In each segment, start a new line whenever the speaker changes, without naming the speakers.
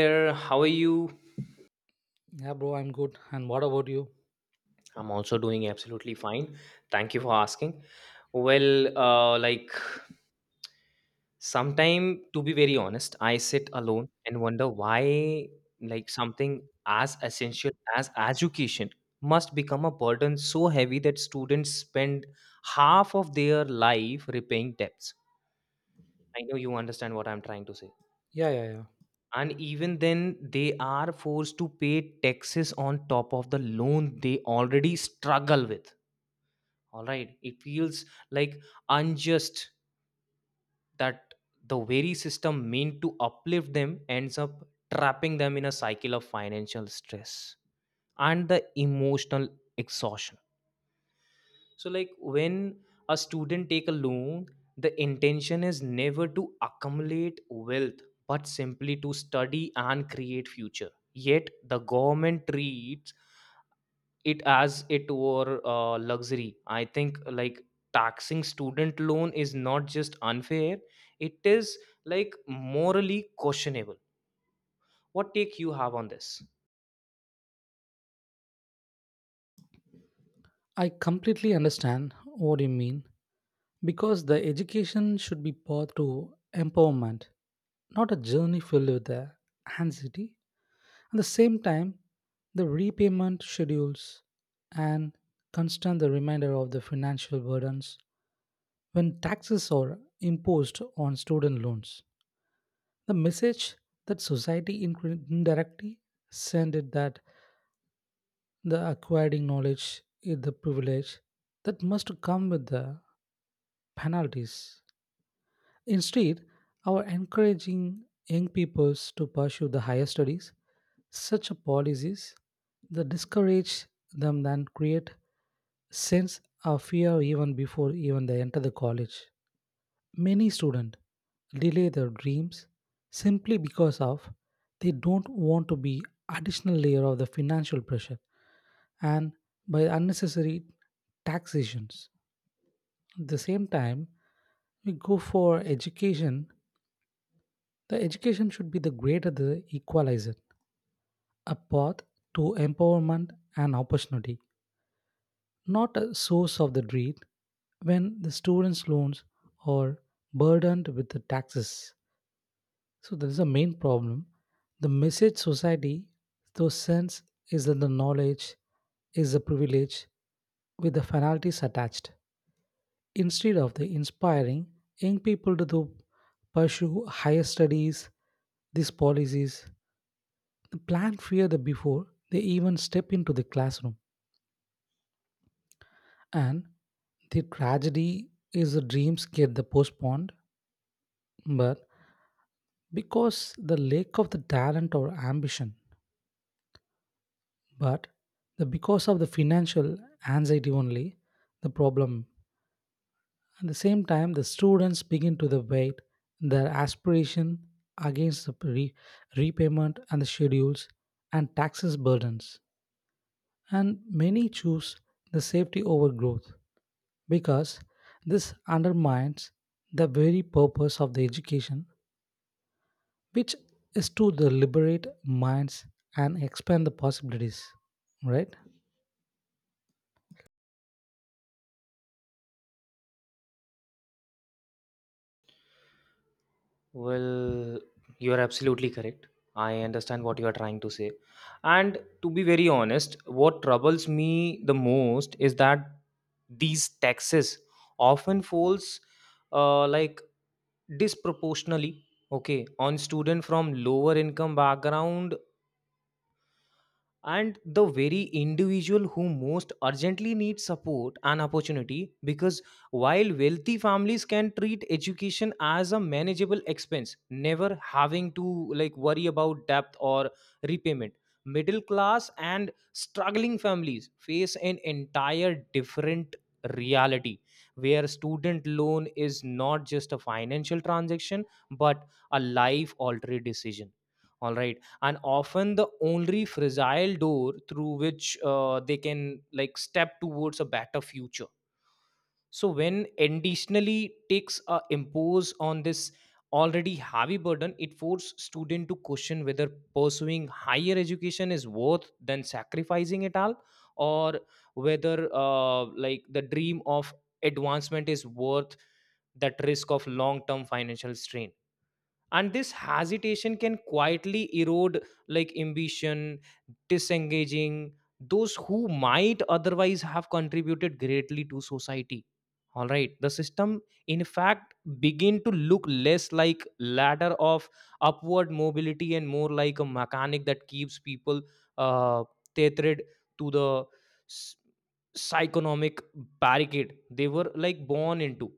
There. How are you?
Yeah, bro, I'm good. And what about you?
I'm also doing absolutely fine. Thank you for asking. Well, uh, like sometime to be very honest, I sit alone and wonder why like something as essential as education must become a burden so heavy that students spend half of their life repaying debts. I know you understand what I'm trying to say.
Yeah, yeah, yeah.
And even then, they are forced to pay taxes on top of the loan they already struggle with. All right, it feels like unjust that the very system meant to uplift them ends up trapping them in a cycle of financial stress and the emotional exhaustion. So like when a student take a loan, the intention is never to accumulate wealth but simply to study and create future, yet the government treats it as it were luxury. I think like taxing student loan is not just unfair, it is like morally questionable. What take you have on this?
I completely understand what you mean because the education should be path to empowerment, not a journey filled with the anxiety. At the same time, the repayment schedules and constant the reminder of the financial burdens when taxes are imposed on student loans. The message that society indirectly sent it that the acquiring knowledge is the privilege that must come with the penalties. Instead, our encouraging young peoples to pursue the higher studies, such a policies that discourage them then create sense of fear even before even they enter the college. Many students delay their dreams simply because of they don't want to be additional layer of the financial pressure and by unnecessary taxations. At the same time, we go for education. The education should be the greater the equalizer, a path to empowerment and opportunity, not a source of the dread when the students' loans are burdened with the taxes. So that is the main problem. The message society those sends, is that the knowledge is a privilege with the finalities attached. Instead of the inspiring young people to pursue higher studies, these policies plan fear the before they even step into the classroom. And the tragedy is the dreams get the postponed, but because the lack of the talent or ambition, but the because of the financial anxiety only, the problem. At the same time, the students begin to the weight their aspiration against the repayment and the schedules and taxes burdens. And many choose the safety over growth because this undermines the very purpose of the education, which is to the liberate minds and expand the possibilities. Right?
Well, you are absolutely correct, I understand what you are trying to say. And to be very honest, what troubles me the most is that these taxes often falls uh, like disproportionately, okay, on student from lower income background, and the very individual who most urgently needs support and opportunity. Because while wealthy families can treat education as a manageable expense, never having to like worry about debt or repayment, middle class and struggling families face an entire different reality, where student loan is not just a financial transaction but a life altering decision, all right, and often the only fragile door through which they can like step towards a better future. So when additionally takes a impose on this already heavy burden, it forces student to question whether pursuing higher education is worth than sacrificing it all, or whether like the dream of advancement is worth that risk of long term financial strain. And this hesitation can quietly erode like ambition, disengaging those who might otherwise have contributed greatly to society. All right, the system in fact begin to look less like ladder of upward mobility and more like a mechanic that keeps people uh, tethered to the s- psychonomic barricade they were like born into,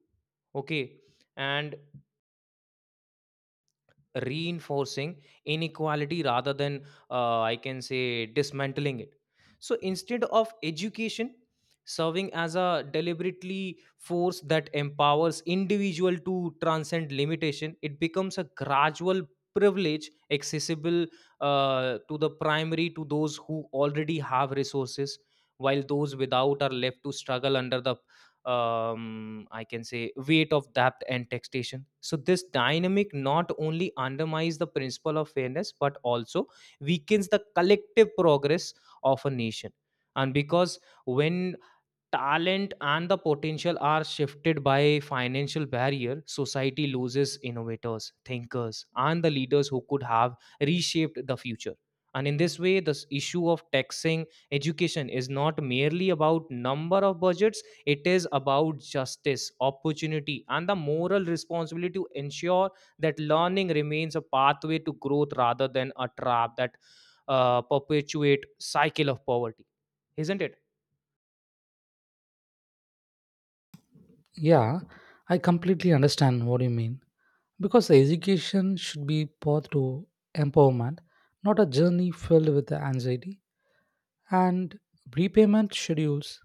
okay, and reinforcing inequality rather than I can say dismantling it. So instead of education serving as a deliberately force that empowers individual to transcend limitation, it becomes a gradual privilege accessible to the primary to those who already have resources, while those without are left to struggle under the I can say weight of depth and textation. So this dynamic not only undermines the principle of fairness but also weakens the collective progress of a nation. And because when talent and the potential are shifted by financial barrier, society loses innovators, thinkers, and the leaders who could have reshaped the future. And in this way, this issue of taxing education is not merely about number of budgets, it is about justice, opportunity, and the moral responsibility to ensure that learning remains a pathway to growth rather than a trap that perpetuate cycle of poverty. Isn't it?
Yeah, I completely understand what you mean. Because education should be path to empowerment, not a journey filled with anxiety and repayment schedules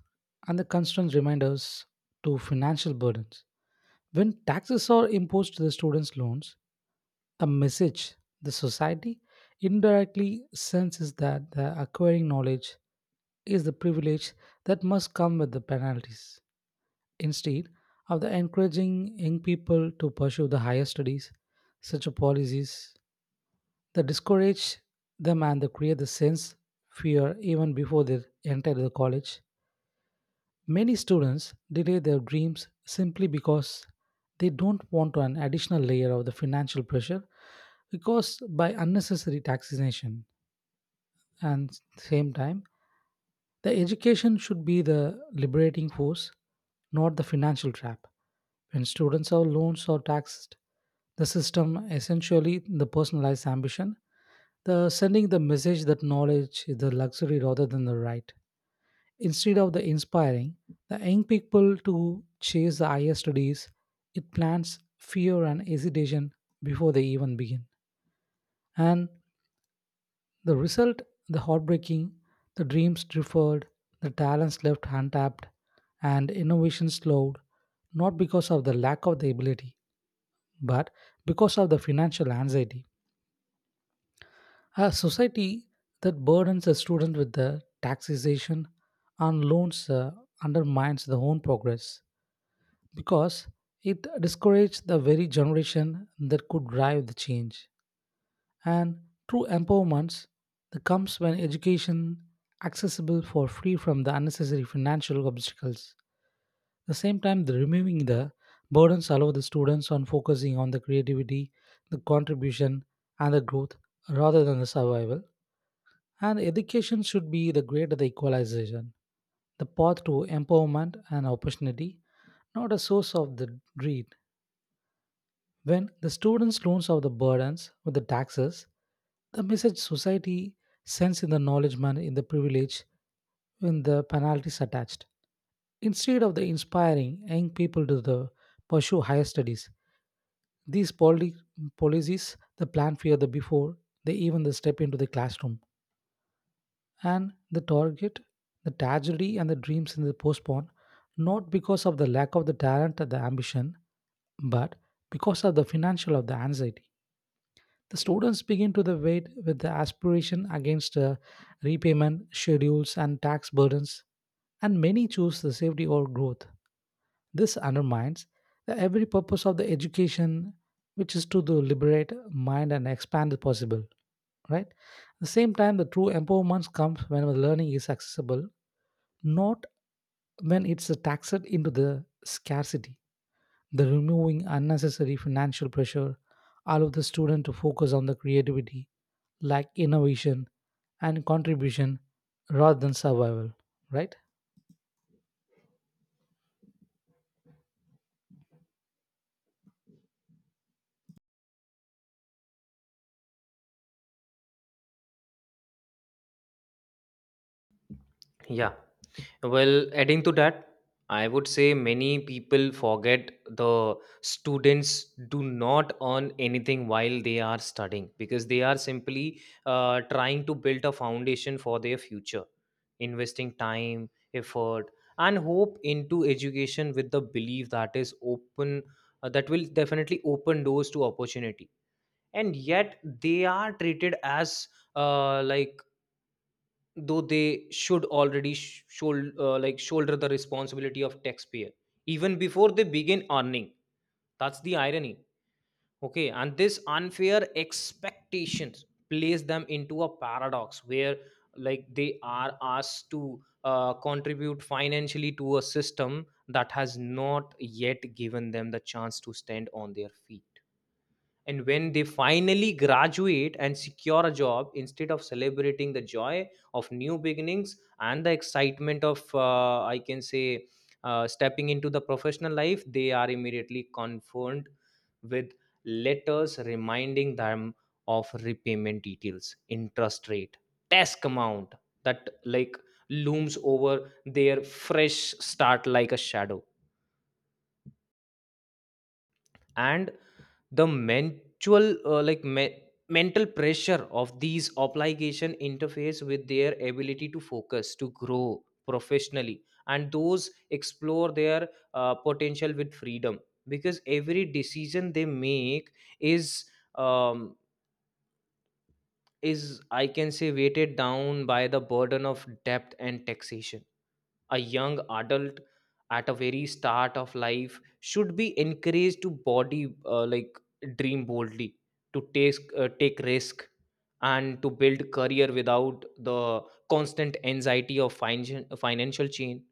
and the constant reminders to financial burdens. When taxes are imposed to the students' loans, the message the society indirectly sends is that the acquiring knowledge is the privilege that must come with the penalties. Instead of the encouraging young people to pursue the higher studies, such policies they discourage them and they create the sense fear even before they enter the college. Many students delay their dreams simply because they don't want an additional layer of the financial pressure caused by unnecessary taxation. And same time, the education should be the liberating force, not the financial trap. When students are loans or taxed, the system essentially the personalized ambition, the sending the message that knowledge is the luxury rather than the right. Instead of the inspiring the young people to chase the higher studies, it plants fear and hesitation before they even begin. And the result, the heartbreaking, the dreams deferred, the talents left untapped, and innovation slowed, not because of the lack of the ability, but because of the financial anxiety. A society that burdens the student with the taxation and loans, undermines their own progress because it discourages the very generation that could drive the change. And true empowerment that comes when education accessible for free from the unnecessary financial obstacles. At the same time, the removing the burdens allow the students on focusing on the creativity, the contribution, and the growth rather than the survival. And education should be the greater the equalization, the path to empowerment and opportunity, not a source of the greed. When the students loans off the burdens with the taxes, the message society sends in the knowledge man in the privilege when the penalties attached. Instead of the inspiring young people to the pursue higher studies, these policies the plan fear the before they even the step into the classroom. And the target, the tragedy and the dreams in the postpone, not because of the lack of the talent or the ambition, but because of the financial of the anxiety, the students begin to the wait with the aspiration against repayment schedules and tax burdens. And many choose the safety or growth. This undermines the every purpose of the education, which is to the liberate mind and expand the possible, right? At the same time, the true empowerment comes when the learning is accessible, not when it's taxed into the scarcity. The removing unnecessary financial pressure allow the student to focus on the creativity, like innovation and contribution rather than survival, right?
Yeah. Well, adding to that, I would say many people forget the students do not earn anything while they are studying, because they are simply trying to build a foundation for their future, investing time, effort, and hope into education with the belief that is open, that will definitely open doors to opportunity. And yet, they are treated as uh, like though they should already shoulder the responsibility of taxpayer even before they begin earning. That's the irony, okay. And this unfair expectations place them into a paradox where like they are asked to contribute financially to a system that has not yet given them the chance to stand on their feet. And when they finally graduate and secure a job, instead of celebrating the joy of new beginnings and the excitement of, I can say, stepping into the professional life, they are immediately confronted with letters reminding them of repayment details, interest rate, task amount that like looms over their fresh start like a shadow. And the mental mental pressure of these obligation interface with their ability to focus to grow professionally and those explore their potential with freedom, because every decision they make is um, I can say weighted down by the burden of debt and taxation. A young adult at a very start of life should be encouraged to body like dream boldly, to take risk, and to build career without the constant anxiety of financial chain.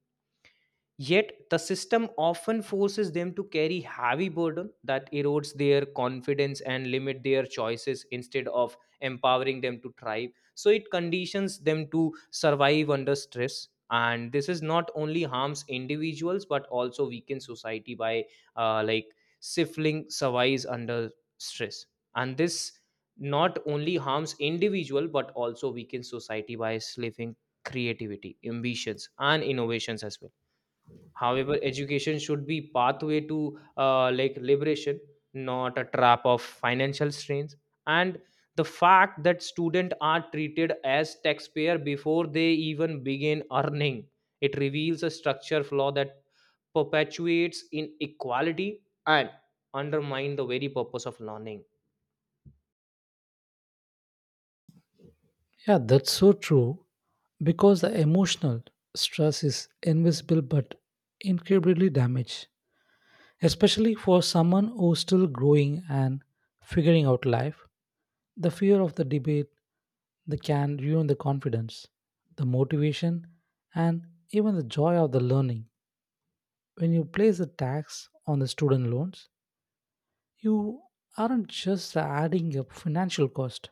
Yet, the system often forces them to carry heavy burden that erodes their confidence and limit their choices instead of empowering them to thrive. So it conditions them to survive under stress. And this is not only harms individuals but also weakens society by uh, like stifling survives under stress. And this not only harms individual but also weakens society by stifling creativity, ambitions, and innovations as well. However, education should be pathway to liberation, not a trap of financial strains. And the fact that students are treated as taxpayer before they even begin earning, it reveals a structure flaw that perpetuates inequality and undermine the very purpose of learning.
Yeah, that's so true because the emotional stress is invisible but incredibly damaged, especially for someone who's still growing and figuring out life. The fear of the debate that can ruin the confidence, the motivation, and even the joy of the learning. When you place a tax on the student loans, you aren't just adding a financial cost.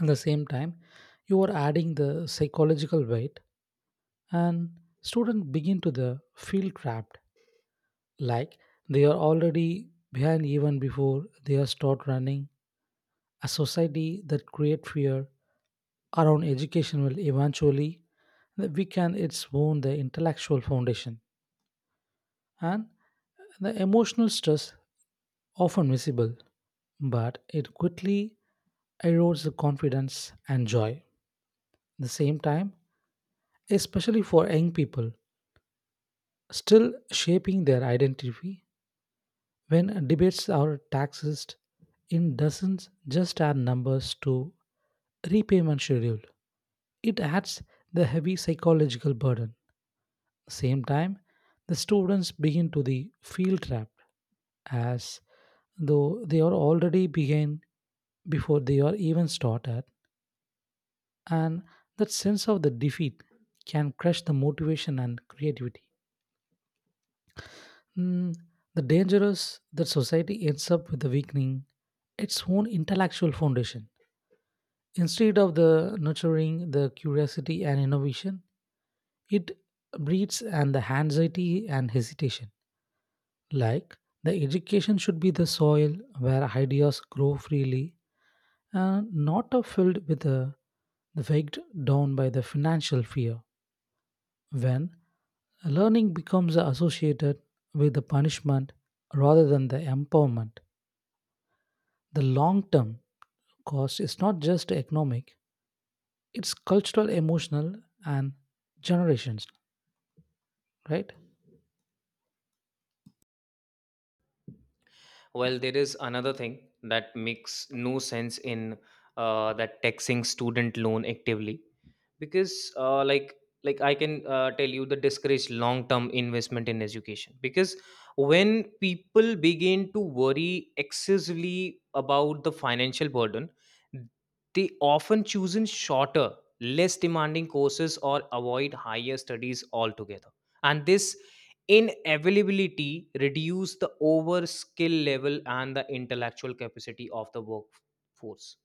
At the same time, you are adding the psychological weight, and students begin to the feel trapped, like they are already behind even before they are start running. A society that create fear around education will eventually weaken its own the intellectual foundation. And the emotional stress often visible, but it quickly erodes the confidence and joy the same time, especially for young people still shaping their identity. When debates are taxed in dozens, just add numbers to repayment schedule, it adds the heavy psychological burden same time, the students begin to the feel trapped as though they are already behind before they are even started, and that sense of the defeat can crush the motivation and creativity. Mm, the dangerous that society ends up with the weakening its own intellectual foundation. Instead of the nurturing the curiosity and innovation, it breeds and the anxiety and hesitation. Like, the education should be the soil where ideas grow freely and not a filled with a the faked down by the financial fear. When learning becomes associated with the punishment rather than the empowerment, the long term cost is not just economic, it's cultural, emotional, and generations, right?
Well, there is another thing that makes no sense in that taxing student loan actively. Because like I can tell you the discourage long term investment in education, because when people begin to worry excessively about the financial burden, they often choose in shorter, less demanding courses or avoid higher studies altogether. And this inevitability reduce the over skill level and the intellectual capacity of the workforce.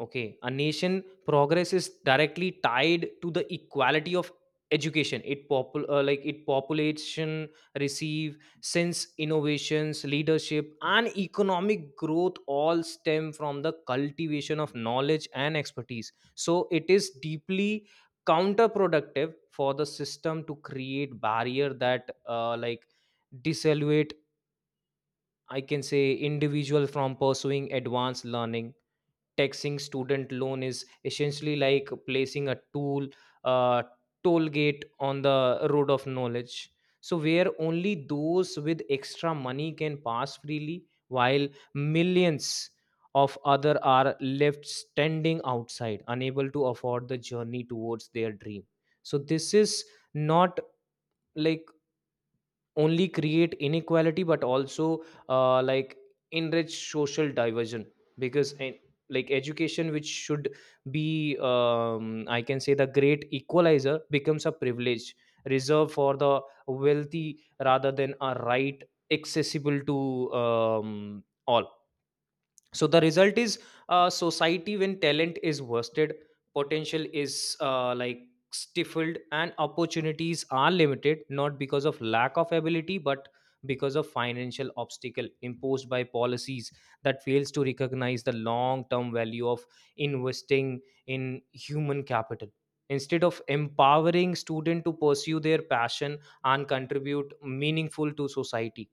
Okay, a nation progress is directly tied to the equality of education. It population receive since innovations, leadership, and economic growth all stem from the cultivation of knowledge and expertise. So it is deeply counterproductive for the system to create barrier that disallowate I can say individual from pursuing advanced learning. Taxing student loan is essentially like placing a tool uh, toll gate on the road of knowledge, so where only those with extra money can pass freely while millions of other are left standing outside, unable to afford the journey towards their dream. So this is not like only create inequality but also uh, like enrich social diversion. Because in, like education which should be I can say the great equalizer, becomes a privilege reserved for the wealthy rather than a right accessible to all. So the result is a society when talent is worsted, potential is stifled, and opportunities are limited not because of lack of ability but because of financial obstacle imposed by policies that fails to recognize the long term value of investing in human capital. Instead of empowering students to pursue their passion and contribute meaningful to society,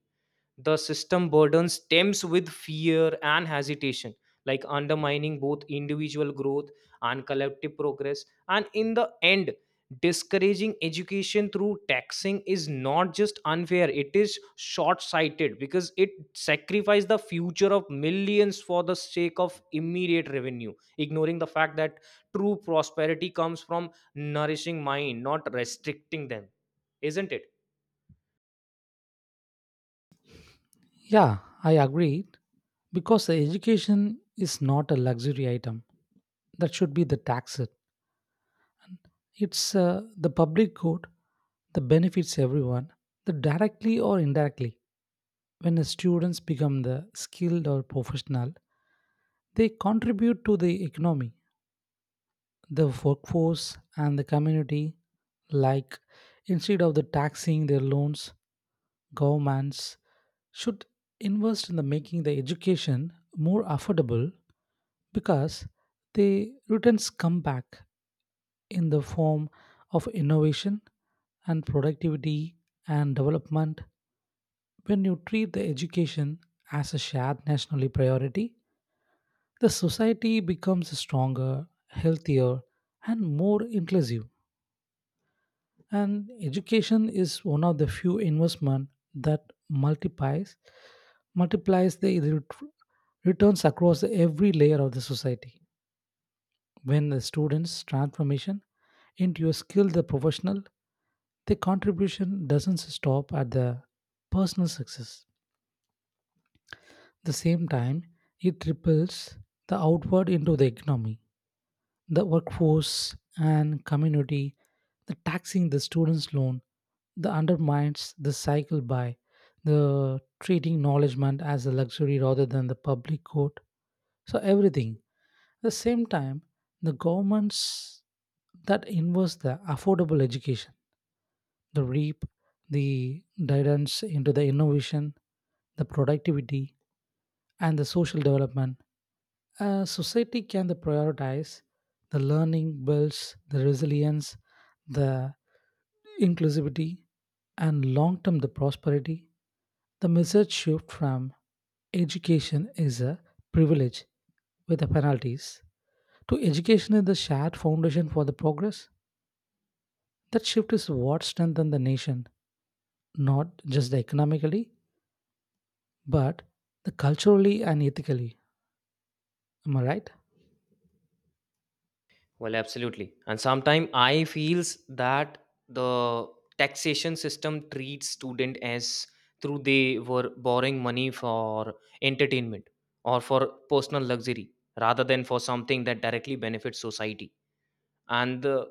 the system burdens stems with fear and hesitation, like undermining both individual growth and collective progress. And in the end, discouraging education through taxing is not just unfair, it is short-sighted, because it sacrifices the future of millions for the sake of immediate revenue, ignoring the fact that true prosperity comes from nourishing mind, not restricting them. Isn't it?
Yeah, I agree because the education is not a luxury item that should be the taxed. It's the public good that benefits everyone, that directly or indirectly. When the students become the skilled or professional, they contribute to the economy, the workforce, and the community. Like instead of the taxing their loans, governments should invest in the making the education more affordable because the returns come back in the form of innovation and productivity and development. When you treat the education as a shared national priority, the society becomes stronger, healthier, and more inclusive. And education is one of the few investment that multiplies multiplies the returns across every layer of the society. When the students' transformation into a skilled professional, the contribution doesn't stop at the personal success. The same time, it ripples the outward into the economy, the workforce and community. The taxing the students' loan, the undermines the cycle by the treating knowledgement as a luxury rather than the public good. So everything. At the same time, the governments that invest the affordable education the reap, the guidance into the innovation, the productivity, and the social development. A society can the prioritize the learning builds the resilience, the inclusivity, and long-term the prosperity. The message shift from education is a privilege with the penalties to education is the shared foundation for the progress. That shift is what strengthens the nation, not just economically, but the culturally and ethically. Am I right?
Well, absolutely. And sometimes I feels that the taxation system treats student as through they were borrowing money for entertainment or for personal luxury rather than for something that directly benefits society. And the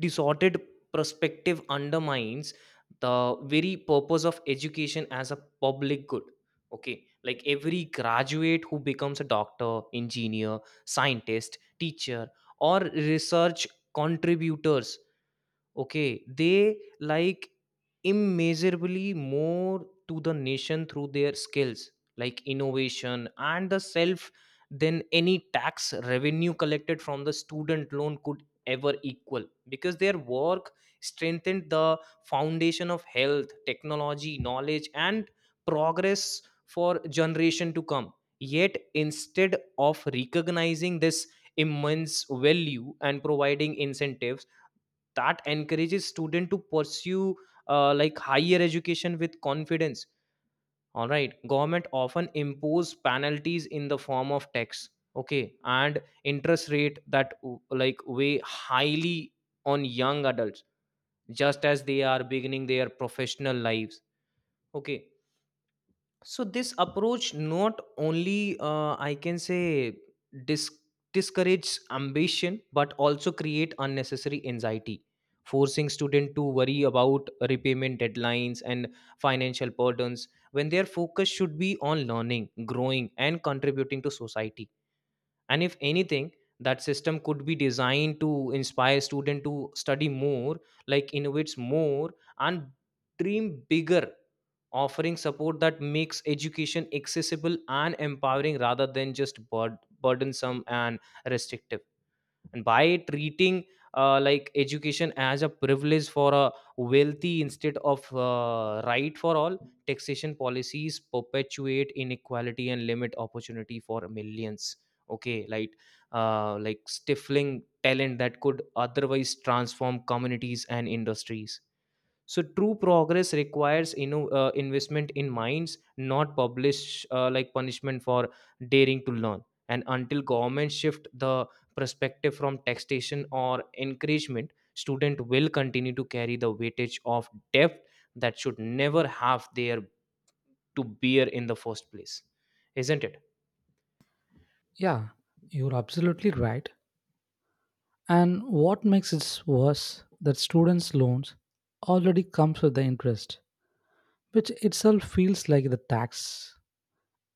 disordered perspective undermines the very purpose of education as a public good. Okay, like every graduate who becomes a doctor, engineer, scientist, teacher, or research contributors, okay, they like immeasurably more to the nation through their skills, like innovation and the self, than any tax revenue collected from the student loan could ever equal, because their work strengthened the foundation of health, technology, knowledge, and progress for generation to come. Yet, instead of recognizing this immense value and providing incentive that encourages student to pursue higher education with confidence, all right, government often impose penalties in the form of tax, okay, and interest rate that weigh highly on young adults just as they are beginning their professional lives, okay. So this approach not only I can say dis- discourages ambition, but also create unnecessary anxiety, forcing student to worry about repayment deadlines and financial burdens when their focus should be on learning, growing, and contributing to society. And if anything, that system could be designed to inspire student to study more, like innovates more, and dream bigger, offering support that makes education accessible and empowering rather than just burdensome and restrictive, and by treating like education as a privilege for a wealthy instead of right for all. Taxation policies perpetuate inequality and limit opportunity for millions. Okay, like stifling talent that could otherwise transform communities and industries. So true progress requires investment in minds, not publish like punishment for daring to learn. And until government shift the perspective from taxation or encouragement, student will continue to carry the weightage of debt that should never have there to bear in the first place, isn't it?
Yeah, you're absolutely right. And what makes it worse that students loans already comes with the interest, which itself feels like the tax.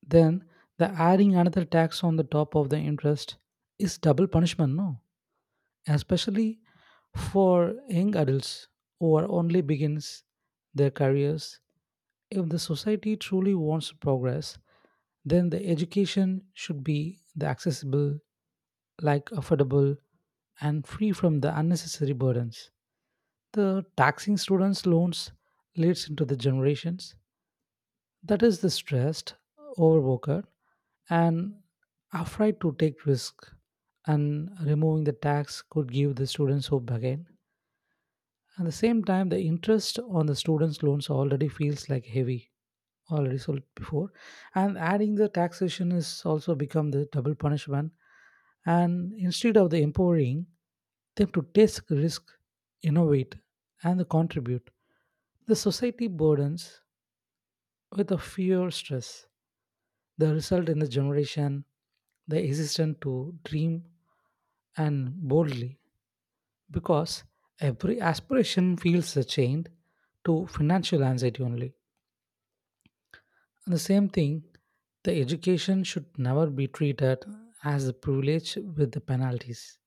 Then the adding another tax on the top of the interest is double punishment, no? Especially for young adults who are only begins their careers. If the society truly wants to progress, then the education should be the accessible, like affordable and free from the unnecessary burdens. The taxing students loans leads into the generations that is the stressed, overworked, and afraid to take risk. And removing the tax could give the students hope again. At the same time, the interest on the students loans already feels like heavy, already sold before, and adding the taxation is also become the double punishment. And instead of the empowering them to take risk, innovate, and contribute, the society burdens with a fear stress. The result in the generation, the existence to dream and boldly, because every aspiration feels chained to financial anxiety only. And the same thing, the education should never be treated as a privilege with the penalties.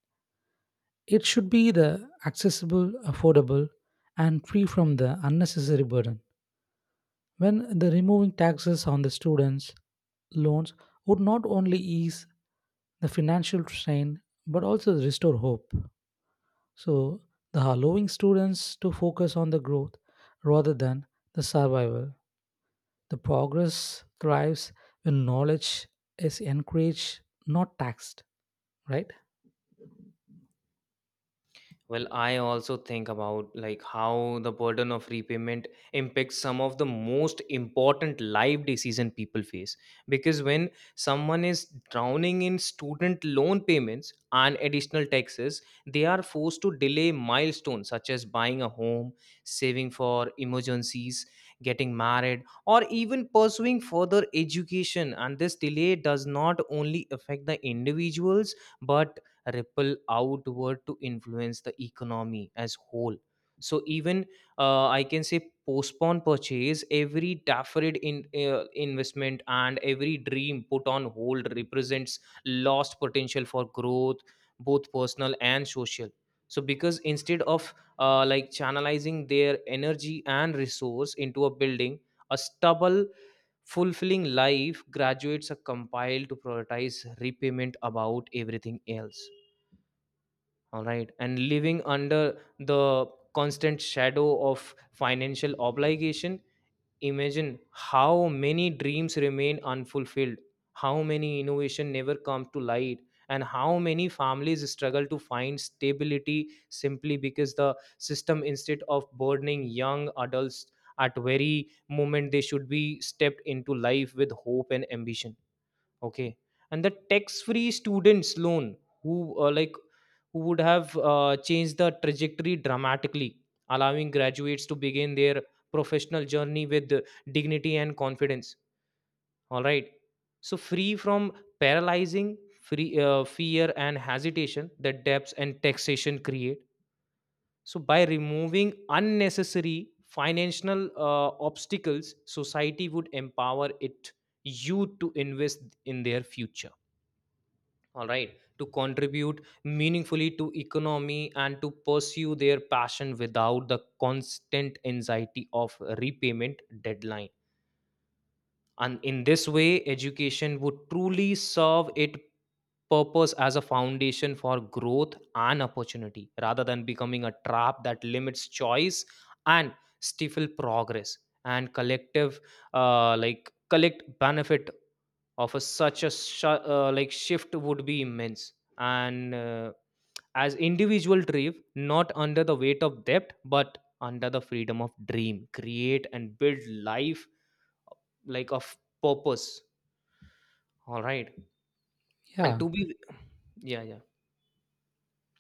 It should be the accessible, affordable, and free from the unnecessary burden. When the removing taxes on the students' loans would not only ease the financial strain but also restore hope. So, the allowing students to focus on the growth rather than the survival. The progress thrives when knowledge is encouraged, not taxed, right?
Well, I also think about like how the burden of repayment impacts some of the most important life decision people face. Because when someone is drowning in student loan payments and additional taxes, they are forced to delay milestones such as buying a home, saving for emergencies, getting married, or even pursuing further education. And this delay does not only affect the individuals but ripple outward to influence the economy as whole. So even, I can say, postpone purchase, every deferred in investment, and every dream put on hold represents lost potential for growth, both personal and social. So because instead of like channelizing their energy and resource into a building a stubble fulfilling life, graduates are compiled to prioritize repayment about everything else, all right. And living under the constant shadow of financial obligation, imagine how many dreams remain unfulfilled, how many innovation never come to light, and how many families struggle to find stability simply because the system instead of burdening young adults at very moment they should be stepped into life with hope and ambition. Okay. And the tax-free students loan who, uh, like who would have changed the trajectory dramatically, allowing graduates to begin their professional journey with dignity and confidence. All right. So free from paralyzing free fear and hesitation that debts and taxation create. So by removing unnecessary financial obstacles, society would empower it youth to invest in their future, all right, to contribute meaningfully to economy and to pursue their passion without the constant anxiety of repayment deadline. And in this way education would truly serve its purpose as a foundation for growth and opportunity rather than becoming a trap that limits choice and stifle progress. And collective, collect benefit of a such a like shift would be immense. And as individual drive not under the weight of debt but under the freedom of dream, create and build life, like, of purpose, all right, and
Yeah.
to be, yeah.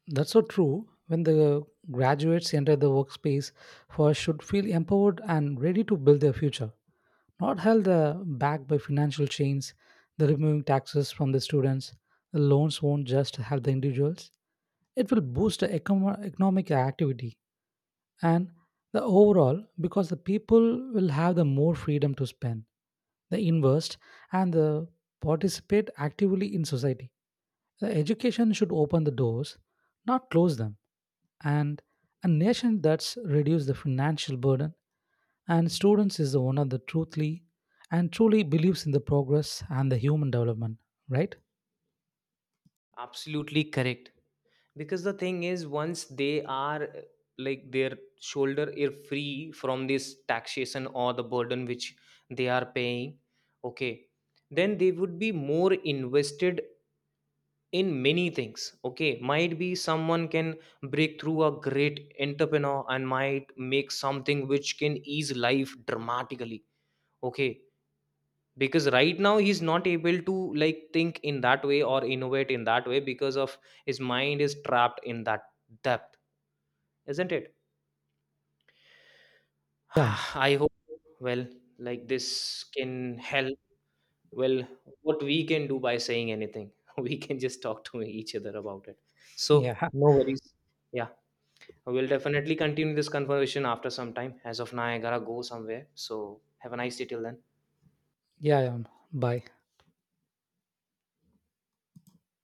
That's so true. When the graduates enter the workspace, first should feel empowered and ready to build their future, not held back by financial chains. The removing taxes from the students, the loans won't just help the individuals; it will boost the economic activity and the overall because the people will have the more freedom to spend, the invest, and the participate actively in society. The education should open the doors, not close them. And a nation that's reduced the financial burden and students is the one that the truthfully and truly believes in the progress and the human development, right?
Absolutely correct, because the thing is, once they are, their shoulder are free from this taxation or the burden which they are paying, okay, then they would be more invested in many things. Okay, might be someone can break through a great entrepreneur and might make something which can ease life dramatically. Okay, because right now he's not able to like think in that way or innovate in that way, because of his mind is trapped in that depth, isn't it?
Yeah,
I hope, well, like this can help. Well, what we can do by saying anything, we can just talk to each other about it. So
yeah,
no worries, yeah. We'll definitely continue this conversation after some time. As of now, I gotta go somewhere. So have a nice day till then.
yeah, yeah. Bye.